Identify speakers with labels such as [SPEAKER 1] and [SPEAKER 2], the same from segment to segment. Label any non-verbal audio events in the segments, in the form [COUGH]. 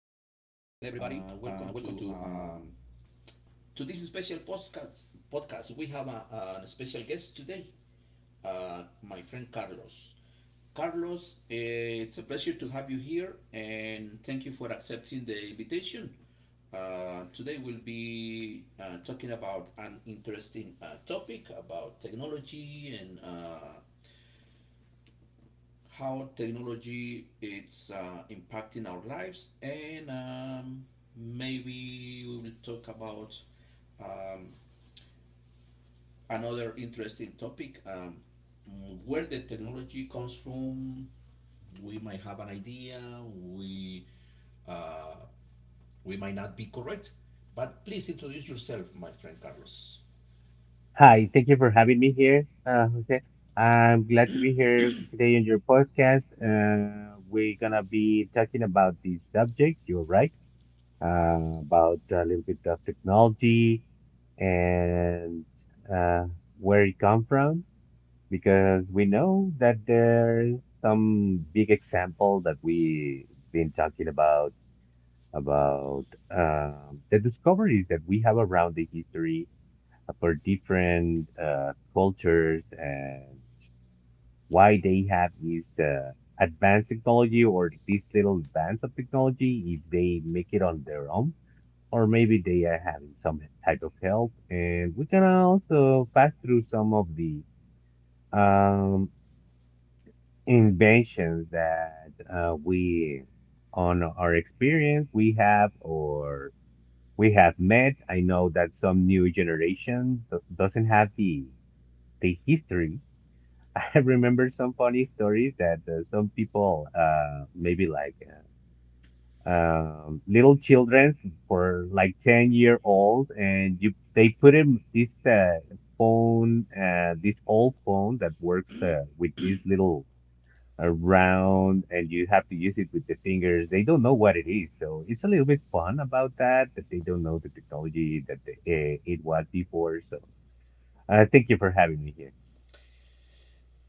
[SPEAKER 1] everybody. Welcome to this special podcast. Podcast. We have an special guest today, my friend Carlos. Carlos, it's a pleasure to have you here, and thank you for accepting the invitation. Today we'll be talking about an interesting topic about technology and how technology is impacting our lives, and maybe we will talk about um, another interesting topic where the technology comes from. We might have an idea, we, uh, we might not be correct, but please introduce yourself, my friend Carlos.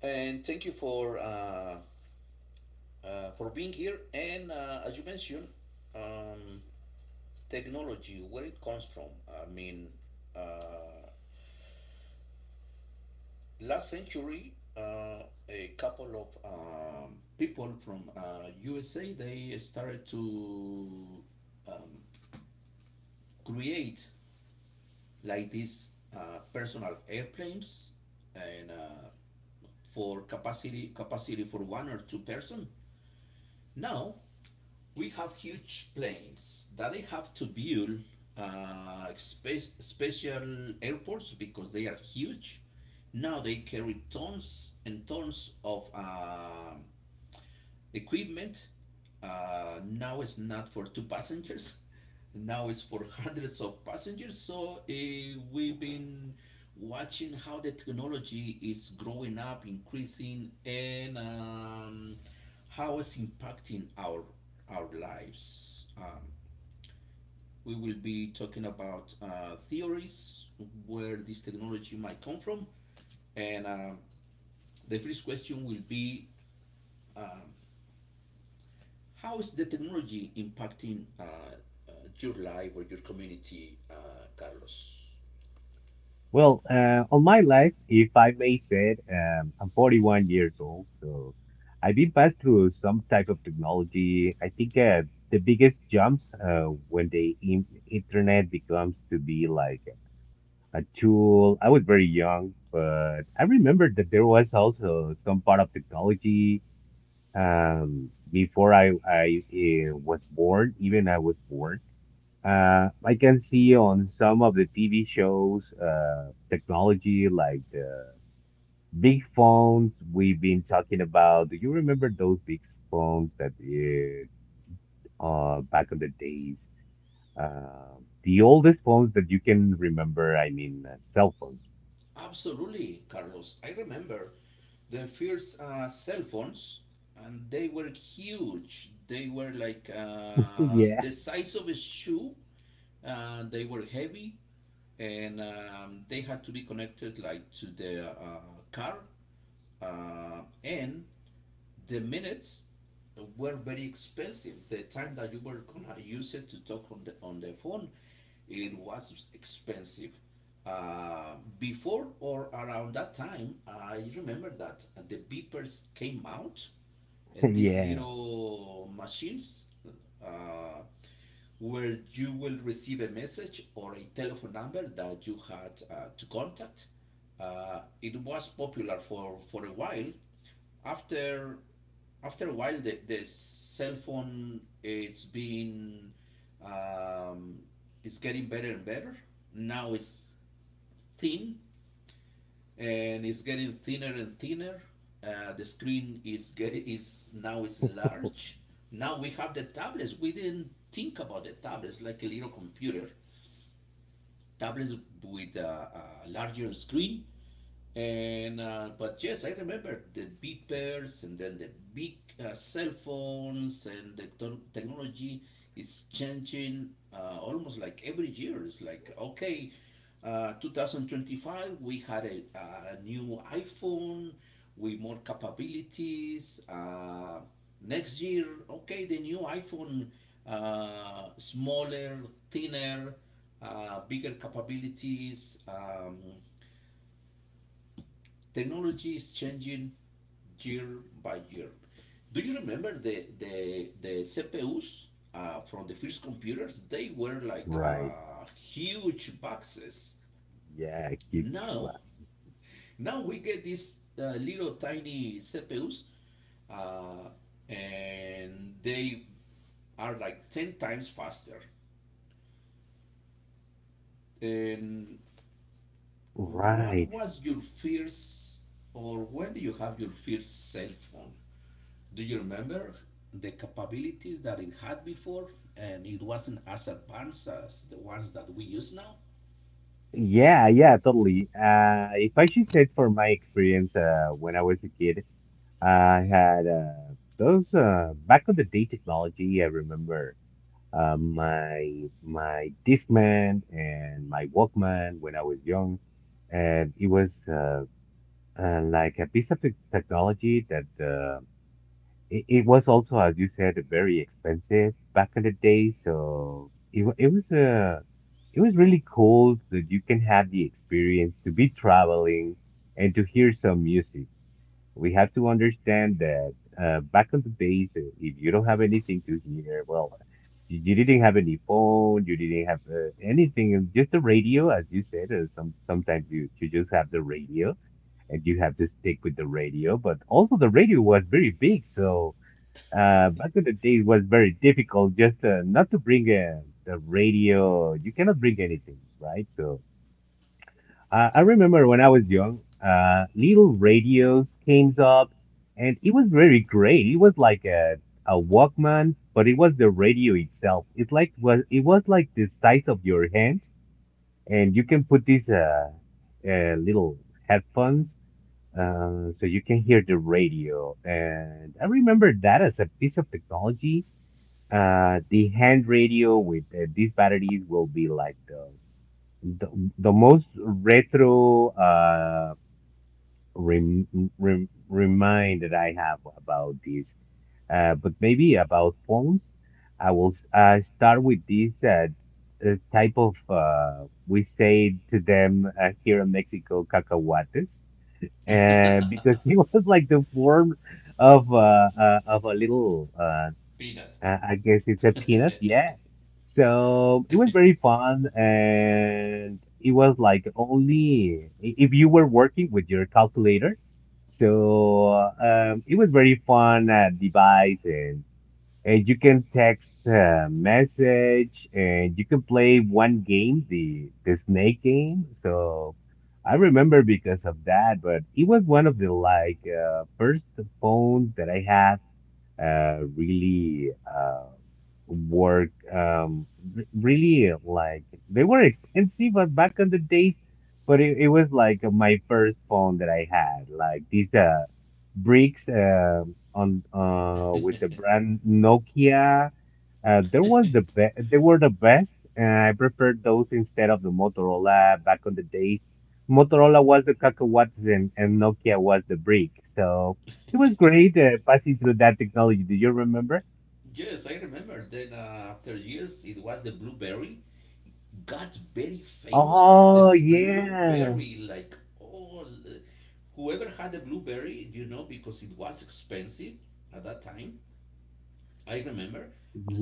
[SPEAKER 1] And thank you for being here. And as you mentioned, um, technology, where it comes from. I mean, uh, last century, a couple of people from USA, they started to um, create like these personal airplanes and for capacity for one or two person. Now we have huge planes that they have to build special airports because they are huge. Now they carry tons and tons of equipment. Now it's not for two passengers, now it's for hundreds of passengers. So we've been watching how the technology is growing up, increasing, and how it's impacting our lives. We will be talking about theories where this technology might come from, and the first question will be. Um, how is the technology impacting uh, your life or your community, Carlos? Absolutely, Carlos. I remember the first cell phones, and they were huge. They were like the size of a shoe. They were heavy, and they had to be connected like to the car. And the minutes were very expensive. The time that you were gonna use it to talk on the phone, it was expensive. Before or around that time, I remember that the beepers came out, these little machines uh, where you will receive a message or a telephone number that you had to contact. It was popular for a while. After After a while, the cell phone it's been um, it's getting better and better. Now it's thin and it's getting thinner and thinner. The screen is get, is now is large. Now we have the tablets. We didn't think about the tablets like a little computer. Tablets with a larger screen and but yes, I remember the beepers and then the big cell phones and the technology is changing almost like every year. It's like okay, 2025 we had a new iPhone with more capabilities. Next year, okay, the new iPhone, smaller, thinner, bigger capabilities. Technology is changing year by year. Do you remember the CPUs from the first computers? They were like huge boxes. Now, Now we get these little tiny CPUs, uh, and they are like ten times faster. And what was your first, or when do you have your first cell phone? Do you remember the capabilities that it had before? And it wasn't as advanced as the ones that we use now? Peanut. Yes, I remember. Then after years, it was the blueberry got very famous, like the blueberry, like all whoever had the blueberry, you know, because it was expensive at that time. I remember,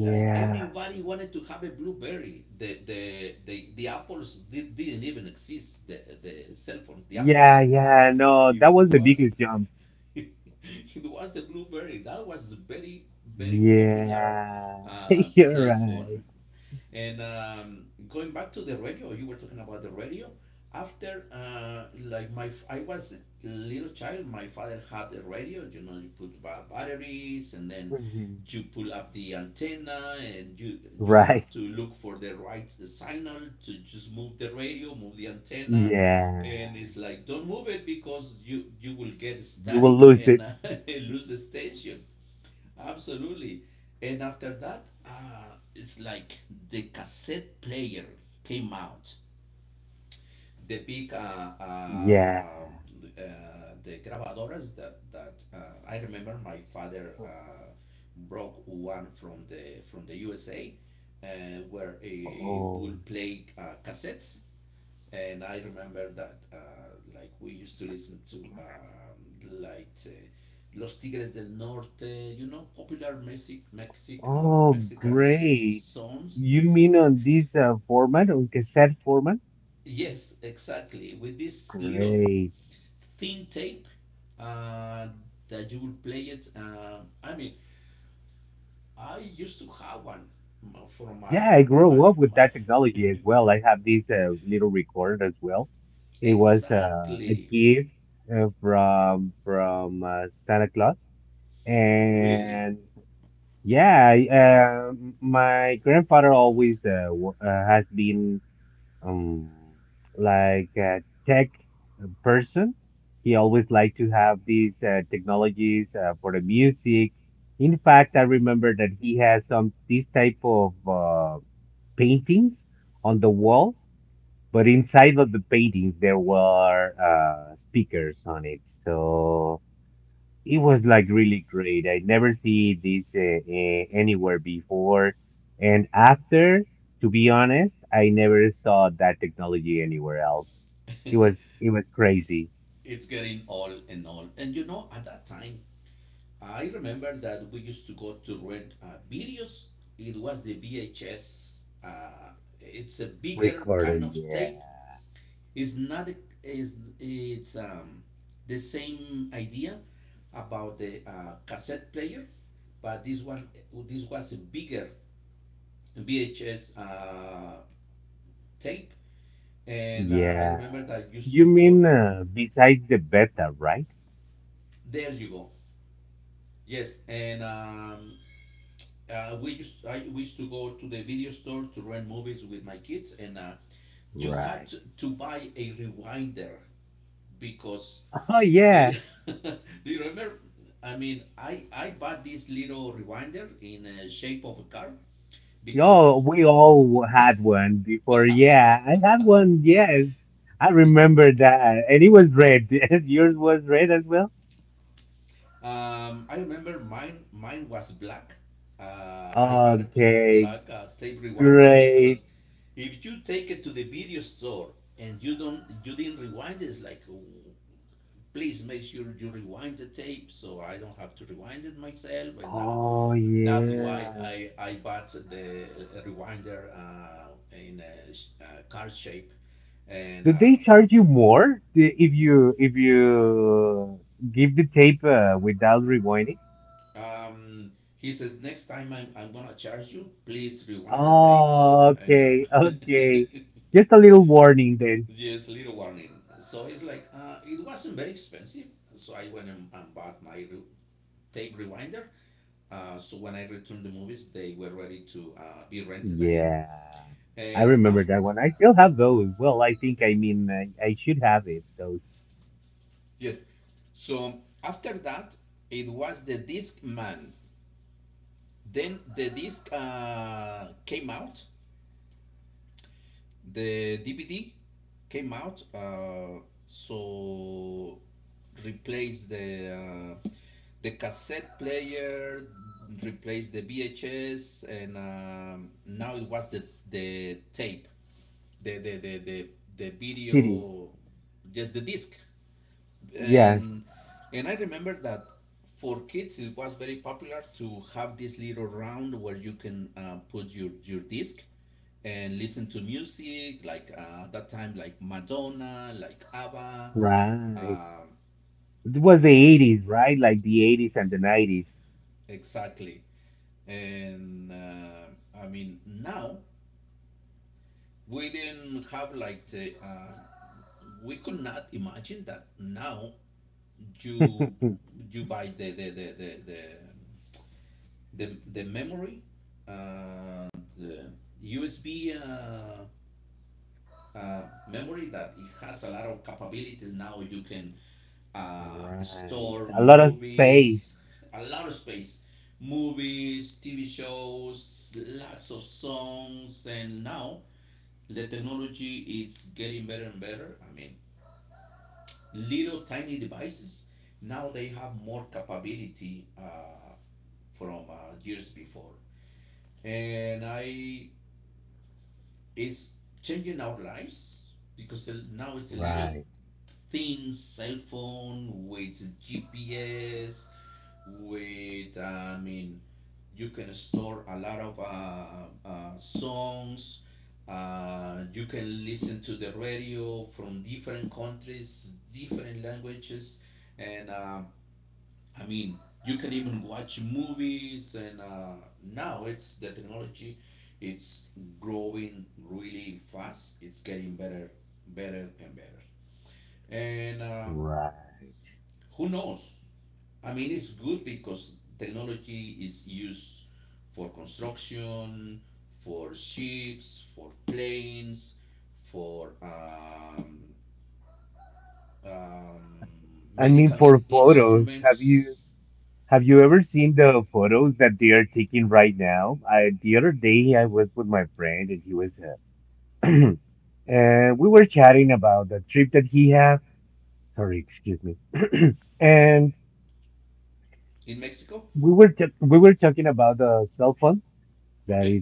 [SPEAKER 1] like everybody wanted to have a blueberry. The apples didn't even exist. The cell phones, the apples. It was [LAUGHS] it was the blueberry. That was very popular cell phone. And going back to the radio, you were talking about the radio. After, like I was a little child. My father had a radio. You know, you put batteries, and then you pull up the antenna, and you have to look for the right signal to just move the radio, move the antenna, and it's like don't move it because you will get static and [LAUGHS] lose the station. Absolutely. And after that, it's like the cassette player came out. The big the grabadoras that I remember my father broke one from the USA, uh, where it will play cassettes, and I remember that like we used to listen to like Los Tigres del Norte, you know, popular Mexican songs. Yes, exactly. With this little thin tape uh, that you will play it. I mean, I used to have one for my exactly really. [LAUGHS] It's getting old and old, and you know, at that time I remember that we used to go to rent videos. It was the VHS. Uh, it's a bigger kind of tape. It's not a, it's, it's the same idea about the cassette player, but this was a bigger VHS tape, and I remember that used to. There you go. Yes, and we used I used to go to the video store to rent movies with my kids, and you had to buy a rewinder because [LAUGHS] do you remember? I mean, I bought this little rewinder in a shape of a car because I remember mine was black. I had a tape rewinder. If you take it to the video store and you didn't rewind, it's like please make sure you rewind the tape so I don't have to rewind it myself. And that's why I bought the rewinder in a card shape. And um, he says, next time I'm going to charge you, please rewind the tape. Just little warning. So it's like, it wasn't very expensive. So I went and bought my tape rewinder. So when I returned the movies, they were ready to be rented again. And after. Yes. So after that, it was the disc man. Then the disc came out, the DVD came out, so replaced uh, the cassette player, replaced the VHS, and now it was the tape, the the the the, the video, just the disc. and and I remember that for kids it was very popular to have this little round where you can put your disc and listen to music like that time like Madonna, like ABBA, exactly. And I mean now we didn't have like the we could not imagine that now you you buy the memory, the USB uh, memory that it has a lot of capabilities now. You can store movies, a lot of space, movies, TV shows, lots of songs, and now the technology is getting better and better. I mean, little tiny devices now they have more capability from years before, and I it's changing our lives because now it's a little thin cell phone with GPS, with I mean, you can store a lot of songs. You can listen to the radio from different countries, different languages, and I mean, you can even watch movies, and now it's the technology. It's growing really fast. It's getting better, better and better. And who knows? I mean, it's good because technology is used for construction, for ships, for planes, for um, medical instruments in Mexico. Okay.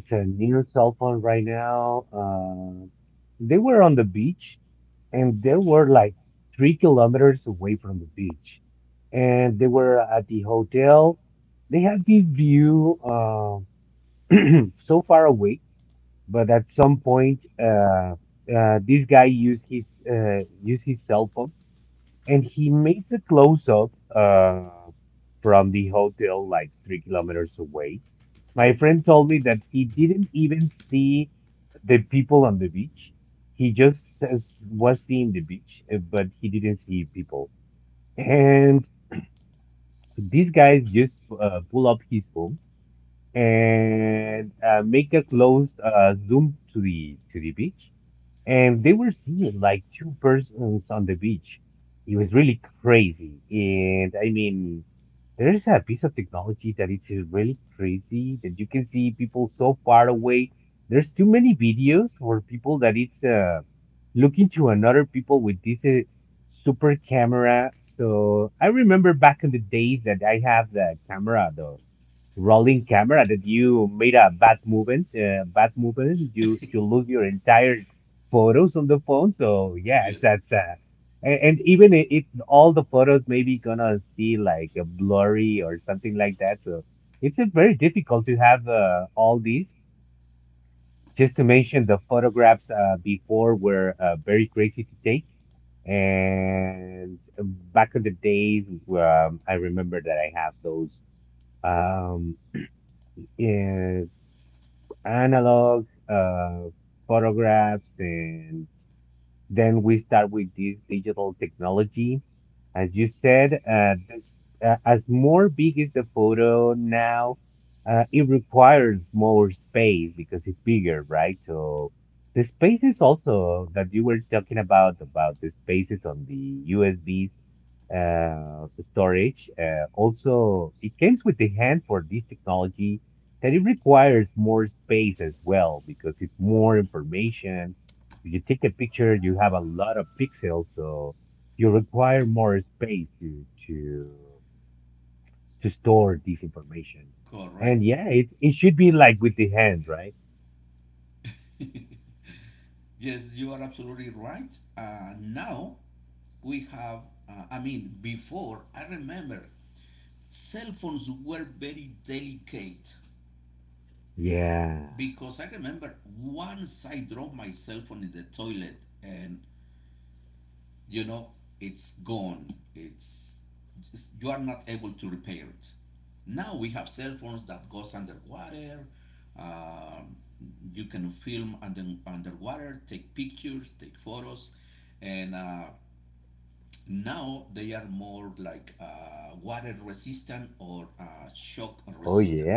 [SPEAKER 1] Yes. Correct. [LAUGHS] Yes, you are absolutely right. Now we have, I mean, before I remember cell phones were very delicate because I remember once I dropped my cell phone in the toilet and you know it's gone, it's just, you are not able to repair it. Now we have cell phones that goes underwater. uh, you can film underwater, take pictures, take photos. And now they are more like water resistant or shock resistant.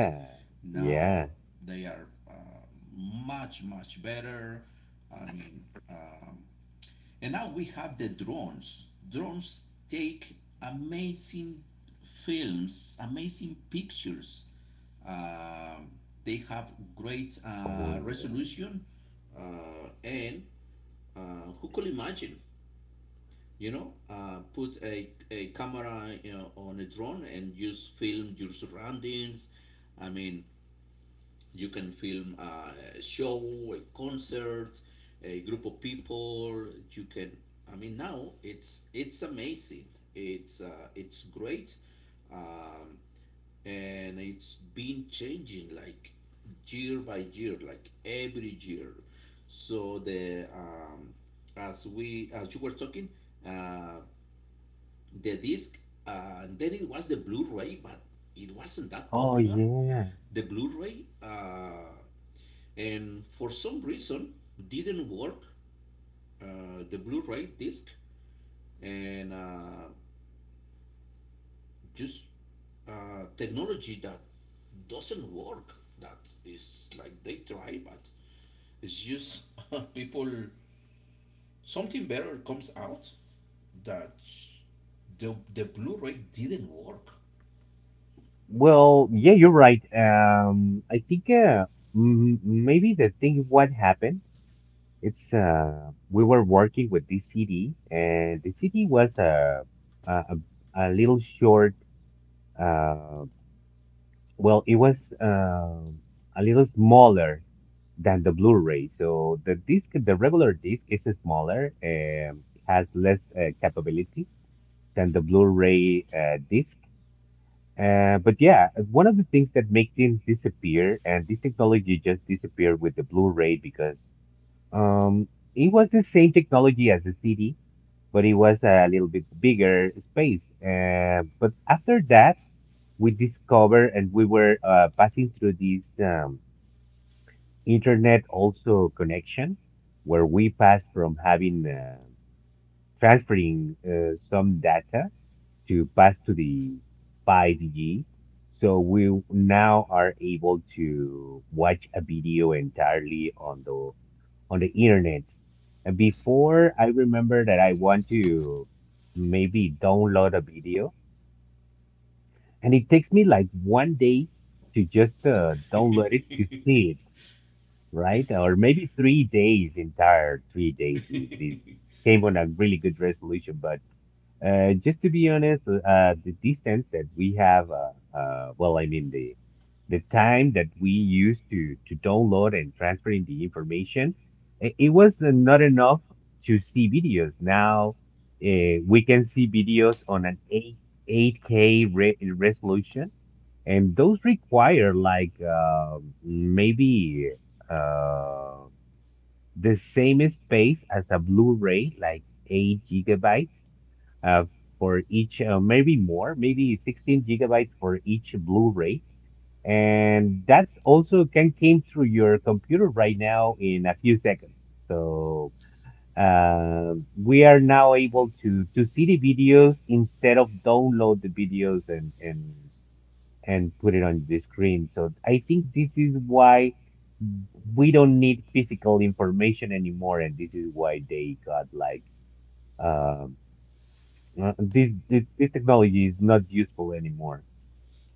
[SPEAKER 1] Now they are much better. I mean, um, and now we have the drones. Drones take amazing films, amazing pictures. Uh, they have great resolution, and uh, who could imagine? You know, put a camera, you know, on a drone and just film your surroundings. I mean, you can film a show, a concert, a group of people. You can. I mean, now it's amazing. It's great, um, and it's been changing like year by year, like every year. So the as you were talking, uh, the disc, and then it was the Blu-ray, but it wasn't that popular. The Blu-ray. And for some reason didn't work, the blu-ray disc, and just technology that doesn't work, that is like they try but it's just [LAUGHS] people, something better comes out, that the blu-ray didn't work. [LAUGHS]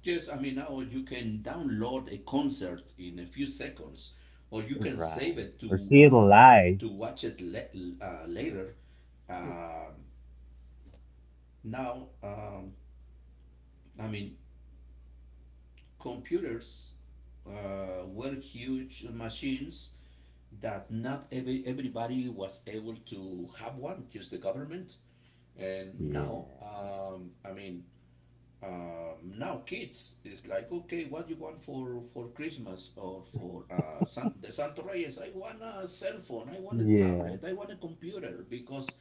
[SPEAKER 1] Yes, I mean, now you can download a concert in a few seconds, or you can save it to watch it later. Um Now, I mean, computers were huge machines that not every everybody was able to have one, just the government. And now, I mean, now kids is like, okay, what you want for Christmas, or for the Santo Reyes. I want a cell phone, I want a tablet, I want a computer, because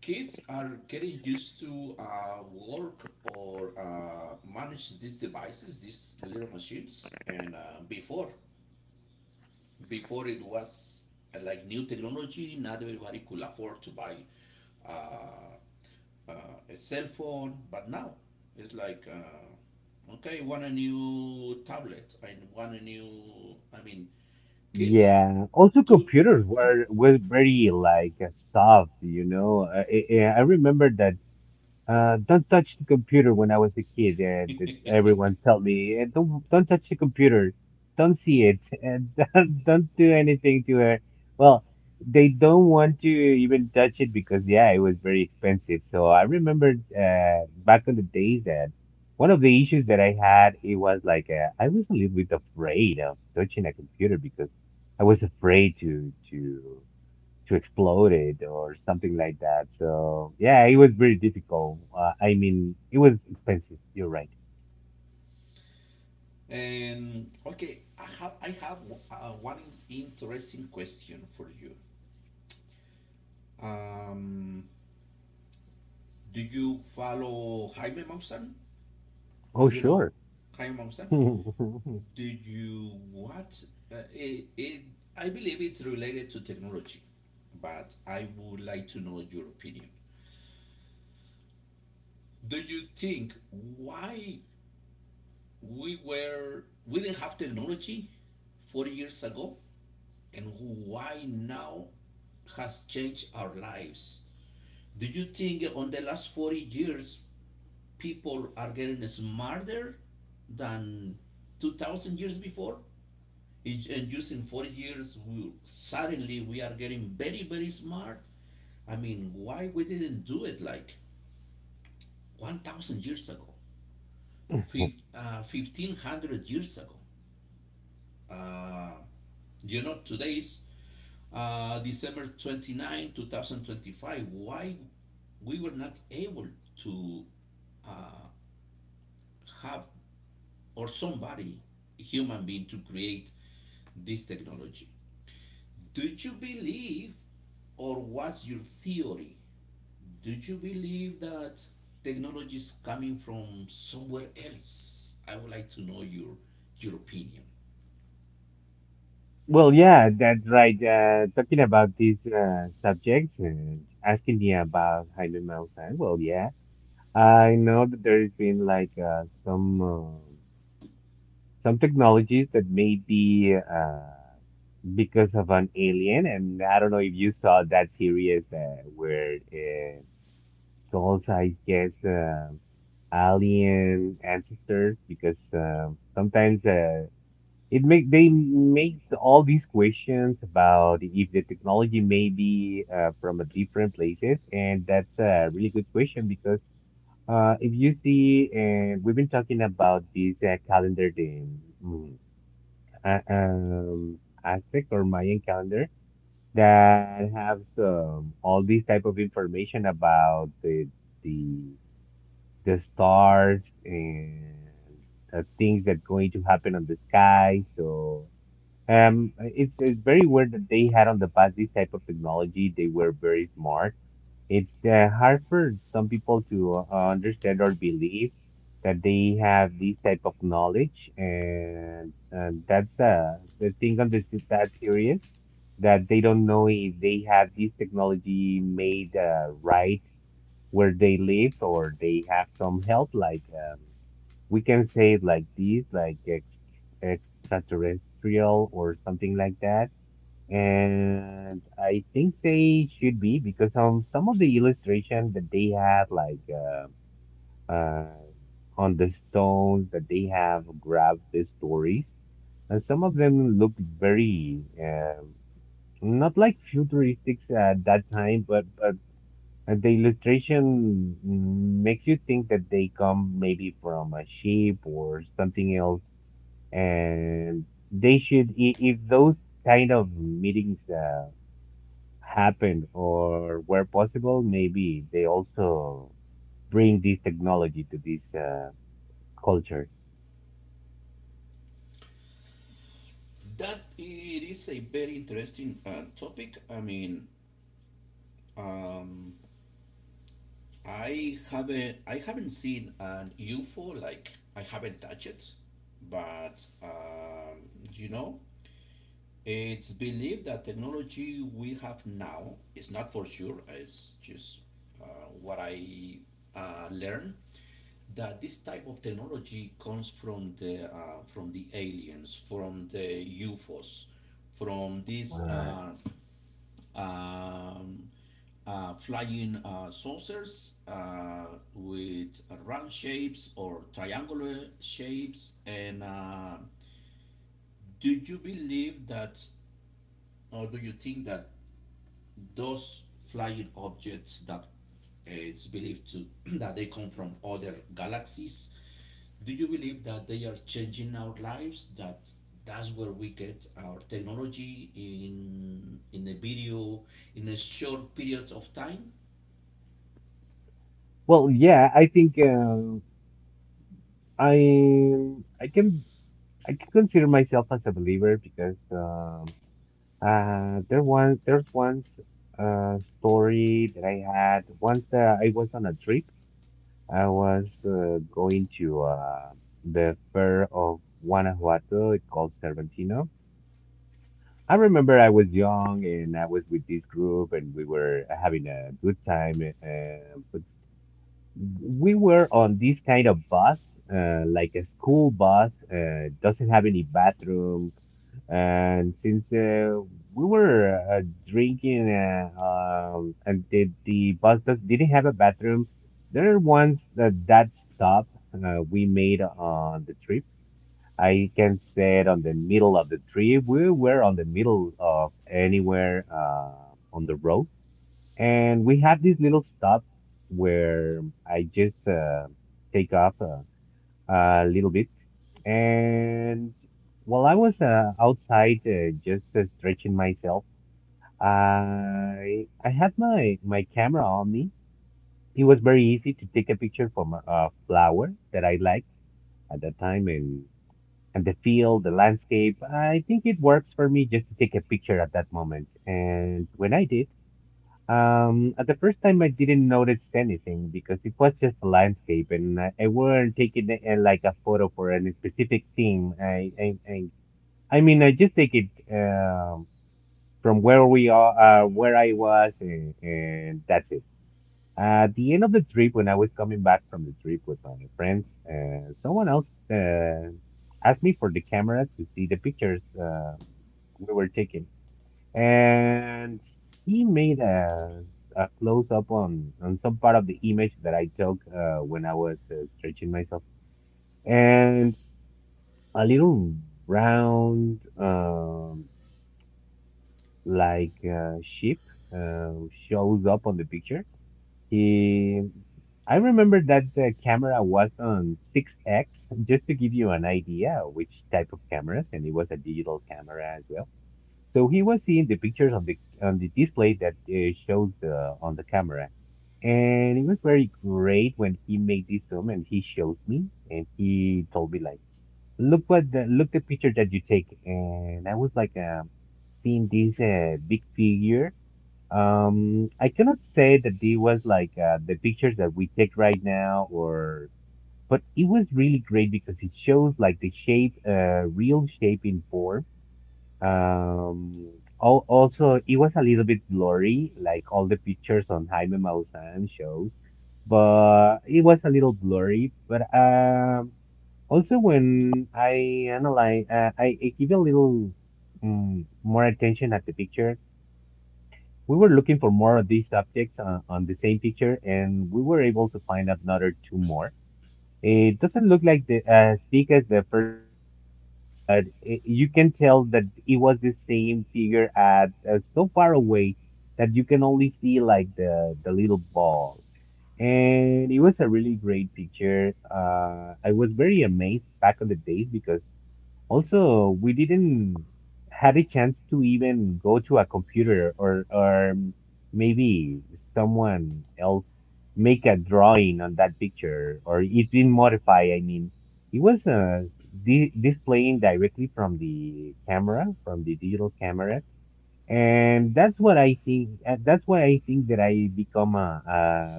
[SPEAKER 1] kids are getting used to work or manage these devices, these little machines. And before it was like new technology, not everybody could afford to buy uh, uh, a cell phone, but now it's like, okay, I want a new tablet. I want a new, I mean, kids. And okay, I have interesting question for you. Um, do you follow Jaime Maussan? Do you know Jaime Maussan? Do you what? It, it I believe it's related to technology, but I would like to know your opinion. Do you think, why we didn't have technology 40 years ago, and why now has changed our lives? Do you think, on the last 40 years, people are getting smarter than 2000 years before? Is- and using 40 years, suddenly we are getting very very smart. I mean, why we didn't do it like 1000 years ago, 1500 years ago? uh, you know, today's December 29 2025. Why we were not able to uh, have, or somebody, human being, to create this technology? Do you believe, or what's your theory? Do you believe that technology is coming from somewhere else? I would like to know your opinion. That it is a very interesting topic. I mean, um, I haven't seen an UFO, like I haven't touched it, but you know, it's believed that technology we have now is not for sure. It's just uh, what I learned, that this type of technology comes from the aliens, from the UFOs, from these um, flying saucers with round shapes or triangular shapes. And do you believe that, or do you think that those flying objects that it's believed to [CLEARS THROAT] that they come from other galaxies? Do you believe that they are changing our lives, that that's where we get our technology, in a video, in a short period of time?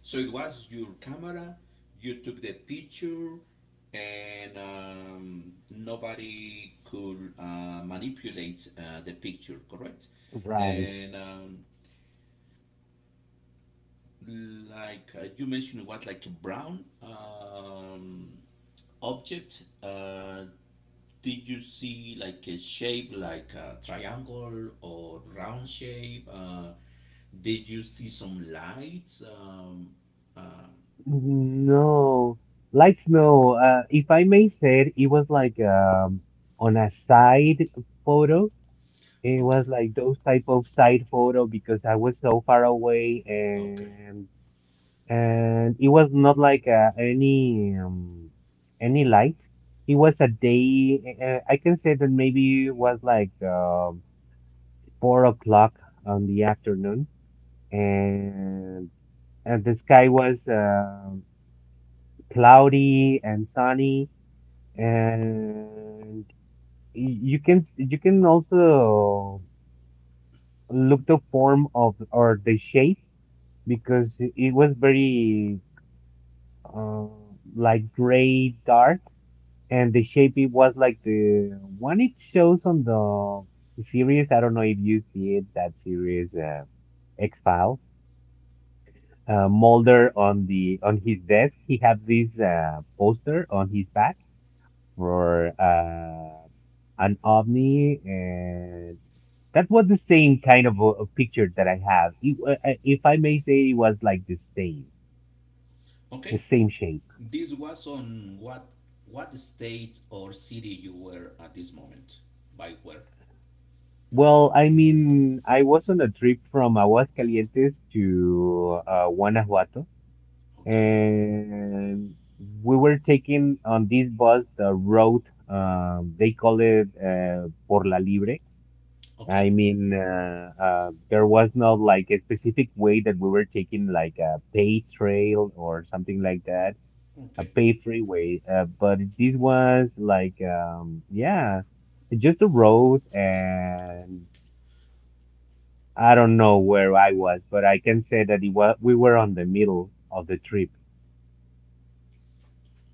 [SPEAKER 1] So it was your camera, you took the picture, and nobody could manipulate the picture, correct? And like you mentioned, it was like a brown object. Did you see like a shape, like a triangle or round shape? Did you see some lights? Uh, okay. Okay, this was on what state or city you were at this moment? By where? Okay, okay, okay,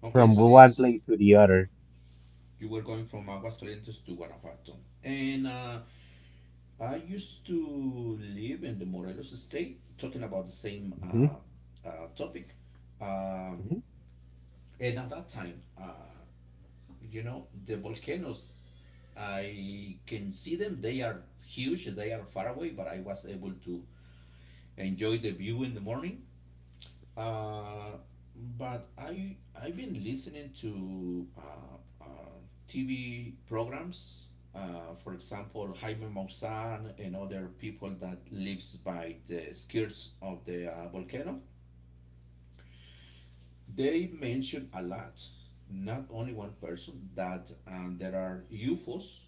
[SPEAKER 1] okay. So this you were going from Aguascalientes to Guanajuato. And I used to live in the Morelos state, talking about the same topic. Uh, and at that time, you know, the volcanoes, I can see them. They are huge, they are far away, but I was able to enjoy the view in the morning. Uh, but I've been listening to uh, TV programs. For example, Jaime Maussan and other people that lives by the skirts of the volcano. They mention a lot, not only one person, that there are UFOs,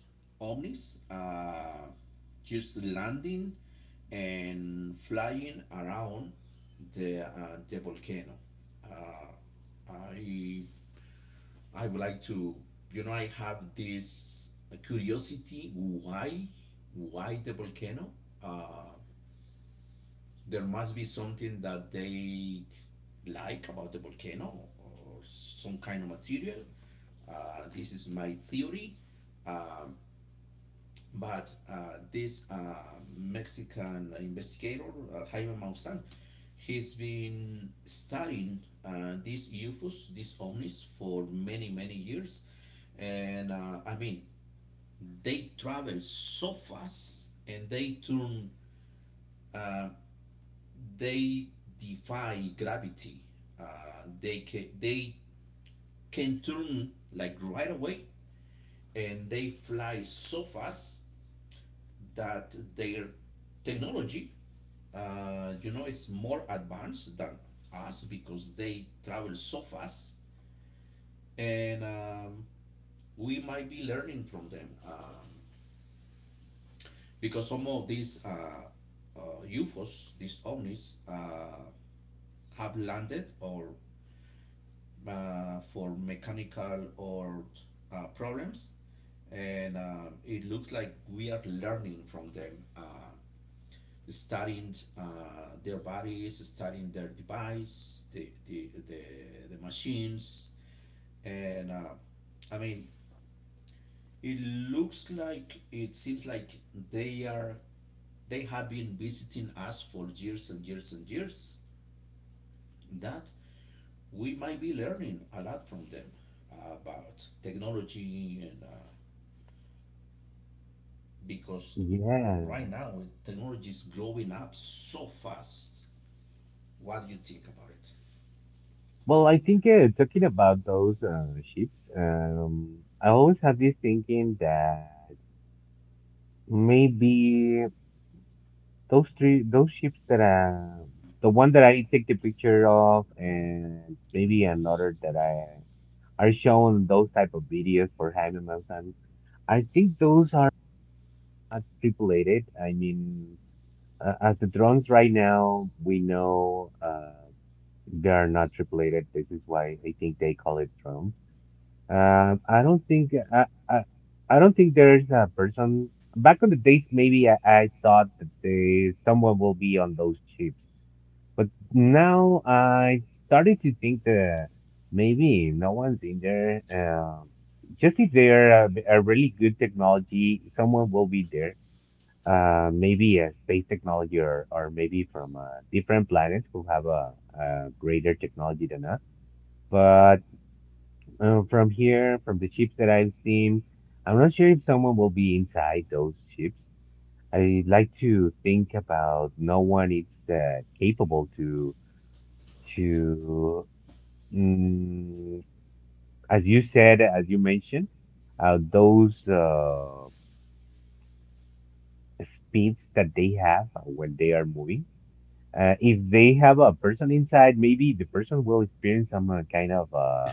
[SPEAKER 1] omnis, just landing and flying around the volcano. Uh, I I would like to, you know, I have this curiosity: why the volcano? Uh, there must be something that they like about the volcano, or some kind of material. This is my theory. Um, But this Mexican investigator, Jaime Maussan, he's been studying these UFOs, these omnis, for many, many years. And I mean, they travel so fast and they turn, uh, they defy gravity. Uh, they can turn like right away, and they fly so fast that their technology, you know, is more advanced than us, because they travel so fast, and we might be learning from them, because some of these uh, UFOs, these omnis, have landed, or for mechanical or problems, and it looks like we are learning from them. Studying their bodies, studying their device, the machines, and I mean, it it seems like they are they have been visiting us for years and years and years. That we might be learning a lot from them, uh, about technology, and because right now technology is growing up so fast. What do you think about it?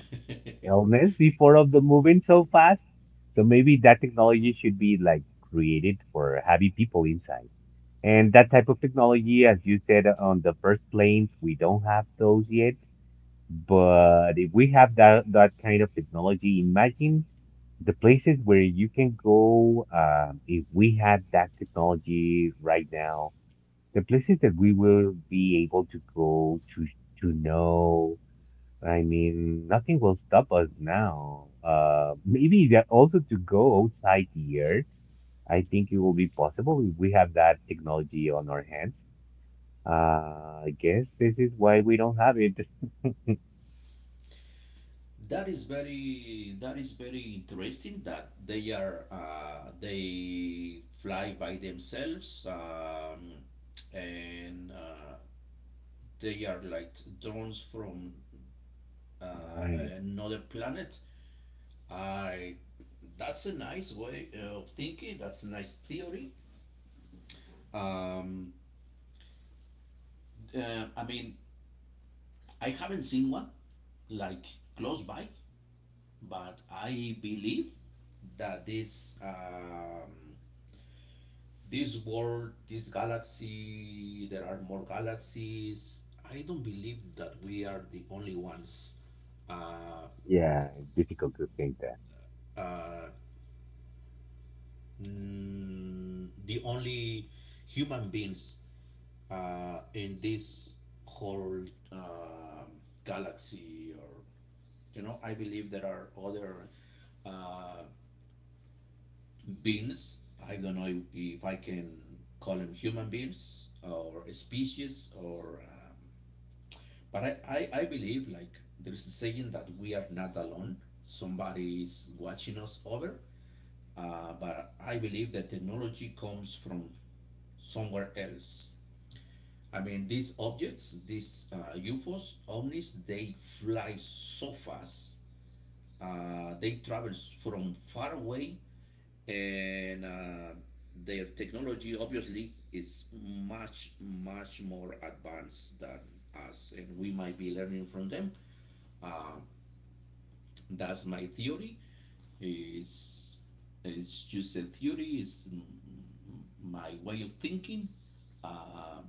[SPEAKER 1] [LAUGHS] That is very interesting, that they fly by themselves, and they are like drones from another planet. I That's a nice way of thinking. That's a nice theory. Um, I mean, I haven't seen one, like, close by, but I believe that this... This world, this galaxy, there are more galaxies. I don't believe that we are the only ones, uh, uh, the only human beings in this whole um galaxy. Or, you know, I believe there are other uh, beings. I don't know if I can call them human beings, or species, or... but I believe, like, there is a saying that we are not alone. Somebody is watching us over. But I believe that technology comes from somewhere else. I mean, these objects, these UFOs, ovnis, they fly so fast. They travel from far away, and their technology obviously is much, much more advanced than us, and we might be learning from them. Uh, That's my theory. It's, it's just a theory, it's my way of thinking. Uh,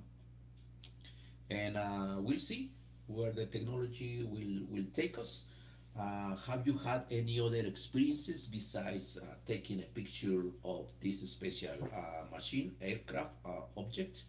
[SPEAKER 1] and we'll see where the technology will take us. Have you had any other experiences besides taking a picture of this special machine, aircraft, object,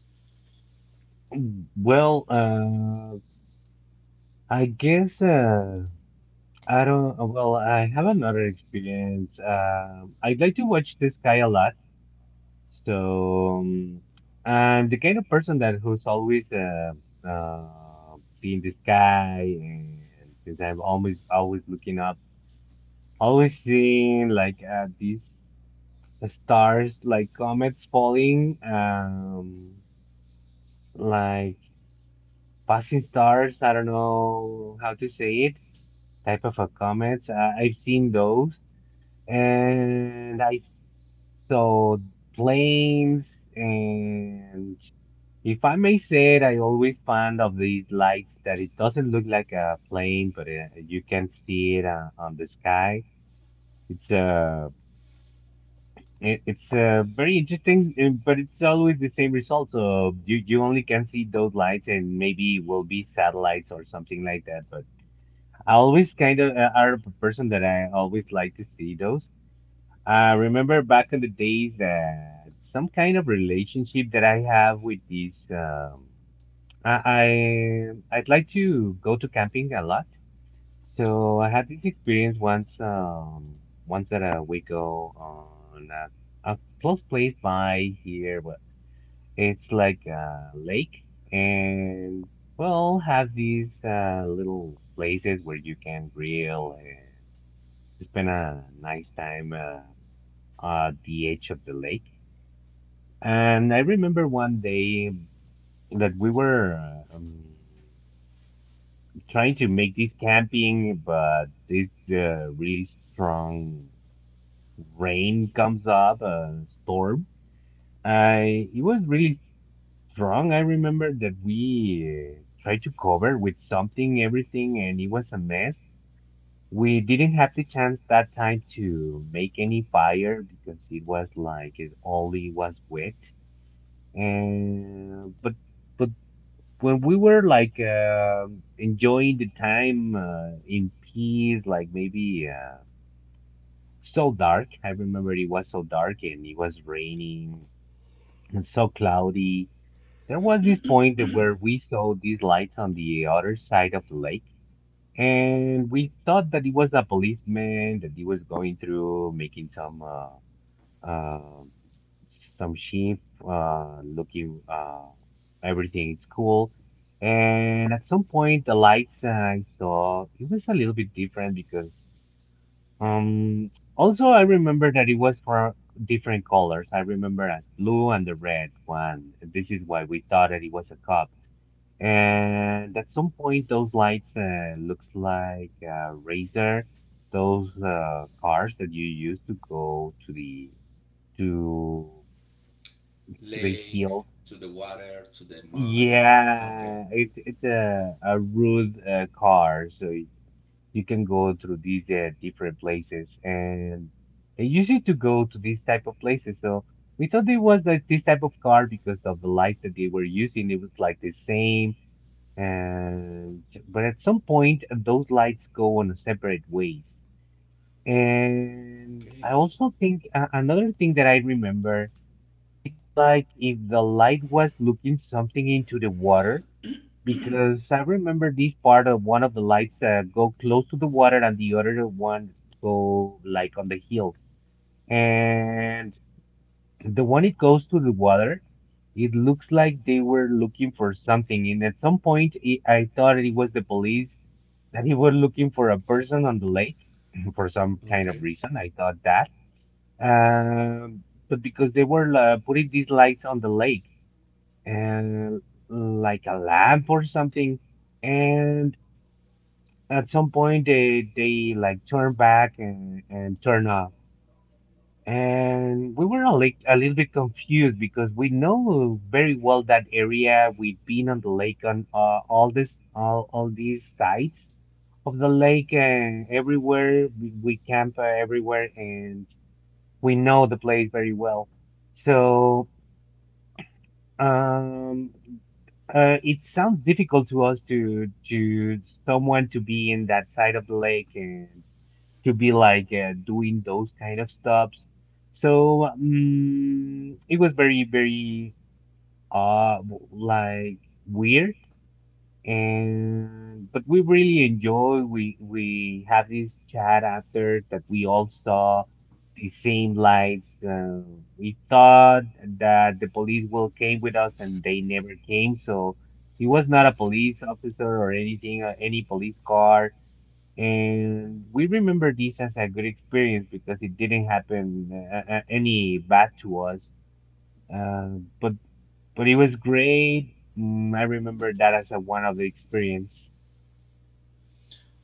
[SPEAKER 1] lake, to the water, to the mud?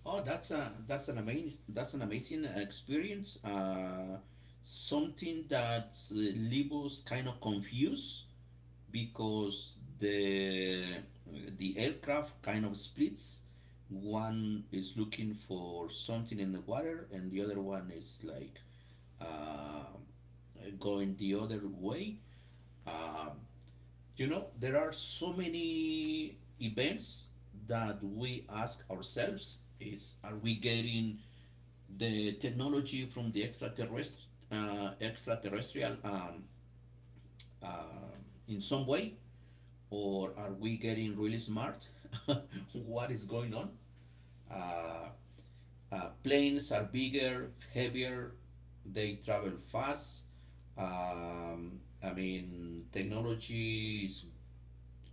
[SPEAKER 1] Oh, that's an amazing experience. Something that leave us kind of confused, because the aircraft kind of splits. One is looking for something in the water, and the other one is like uh, going the other way. Um, you know, there are so many events that we ask ourselves: Is are we getting the technology from the extraterrestrial, um in some way, or are we getting really smart? [LAUGHS] What is going on? Uh, Planes are bigger, heavier, they travel fast. Um, I mean, technology is,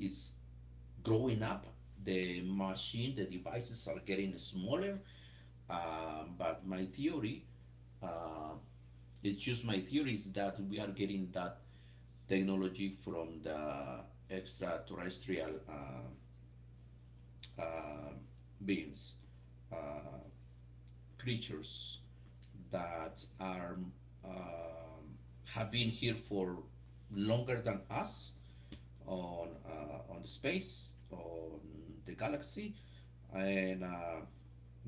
[SPEAKER 1] is growing up. The machine, the devices are getting smaller. But my theory, uh, it's just my theory, is that we are getting that technology from the extraterrestrial uh, beings, uh, creatures that are um, have been here for longer than us, on space, on the galaxy, and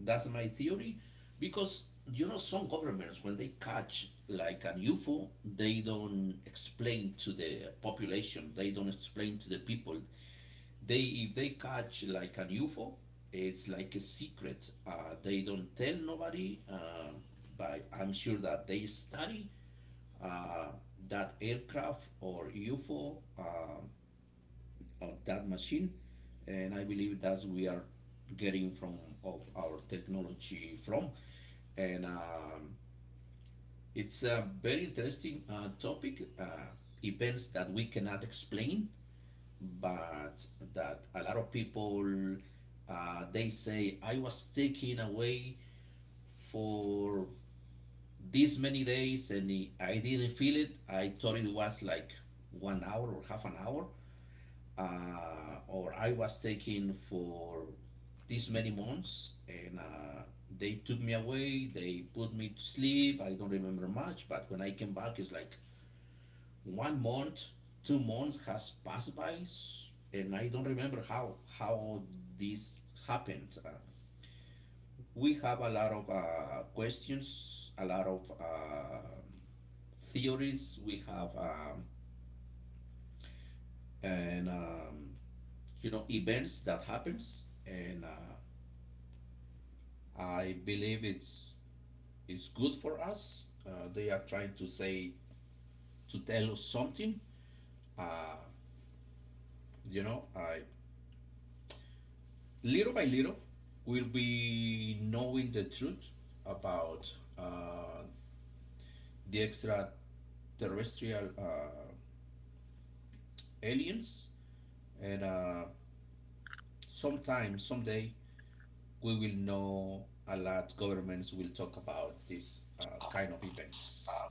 [SPEAKER 1] that's my theory, because, you know, some governments, when they catch like an UFO, they don't explain to the population, they don't explain to the people, they if they catch like an UFO, it's like a secret. They don't tell nobody. But I'm sure that they study uh, that aircraft or UFO, or that machine, and I believe that's we are getting from of our technology from, and it's a very interesting topic. Events that we cannot explain, but that a lot of people, they say, I was taken away for this many days, and I didn't feel it. I thought it was like one hour or half an hour, or I was taken for this many months, and they took me away. They put me to sleep. I don't remember much, but when I came back, it's like one month, 2 months has passed by, and I don't remember how this happened. We have a lot of questions, a lot of theories. We have, and, you know, events that happens, and I believe it's good for us. They are trying to tell us something. Uh, you know, I little by little, we'll be knowing the truth about uh, the extraterrestrial aliens, and sometime, someday, we will know a lot. Governments will talk about this kind of events.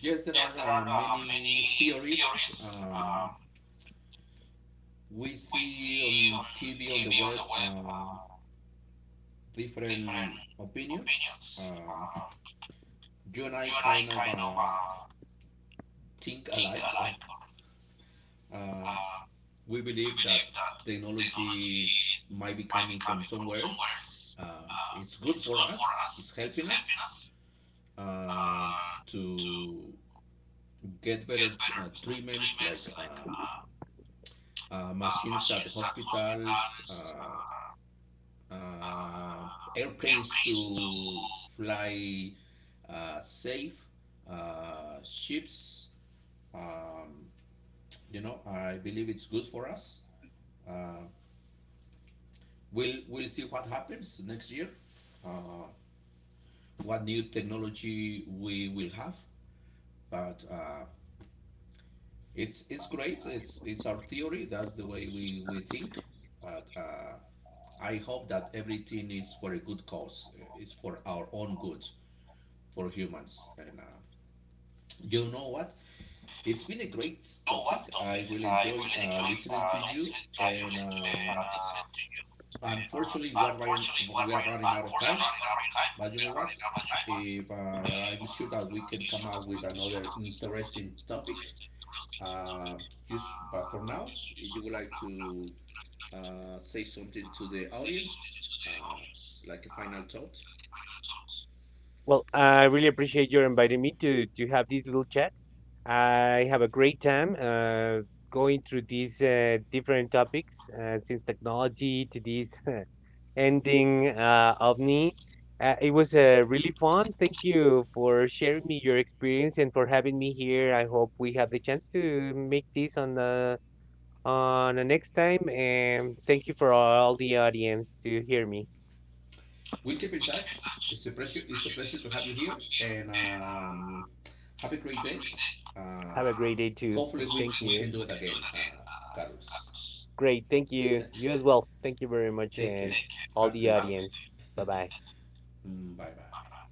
[SPEAKER 1] Yes, there are many theories. Um, we see on TV, on the web, different opinions. Um, you and I kind of think alike. Or, um, we believe that technology might be coming from somewhere else. It's good for us. It's helping us uh, to get better treatments, like machines at hospitals, uh, airplanes to fly safe, ships. Um, you know, I believe it's good for us. Uh, we'll see what happens next year, uh, what new technology we will have. But it's great. It's our theory. That's the way we think. But I hope that everything is for a good cause. It's for our own good, for humans. And you know what? It's been a great topic. I really enjoy listening to you. And unfortunately, we are running out of time. But you know what? If I'm sure that we can come up with another interesting topic. Uh, just but for now, if you would like to say something to the audience, uh, like a final thought.
[SPEAKER 2] Well, I really appreciate your inviting me to have this little chat. I have a great time going through these different topics, since technology to this [LAUGHS] ending OVNI. It was really fun. Thank you for sharing me your experience and for having me here. I hope we have the chance to make this on the next time. And thank you for all the audience to hear me.
[SPEAKER 1] We'll keep in touch. It's a pleasure. It's a pleasure to have you here, and have a great day. Uh,
[SPEAKER 2] Have a great day too.
[SPEAKER 1] Hopefully,
[SPEAKER 2] [LAUGHS] Thank
[SPEAKER 1] we
[SPEAKER 2] you.
[SPEAKER 1] can do it again, Carlos.
[SPEAKER 2] Great. Thank you. You as well. Thank you very much
[SPEAKER 1] Take
[SPEAKER 2] and
[SPEAKER 1] care.
[SPEAKER 2] all
[SPEAKER 1] Have a
[SPEAKER 2] the
[SPEAKER 1] great day.
[SPEAKER 2] audience. Bye bye.
[SPEAKER 1] Mm, bye bye.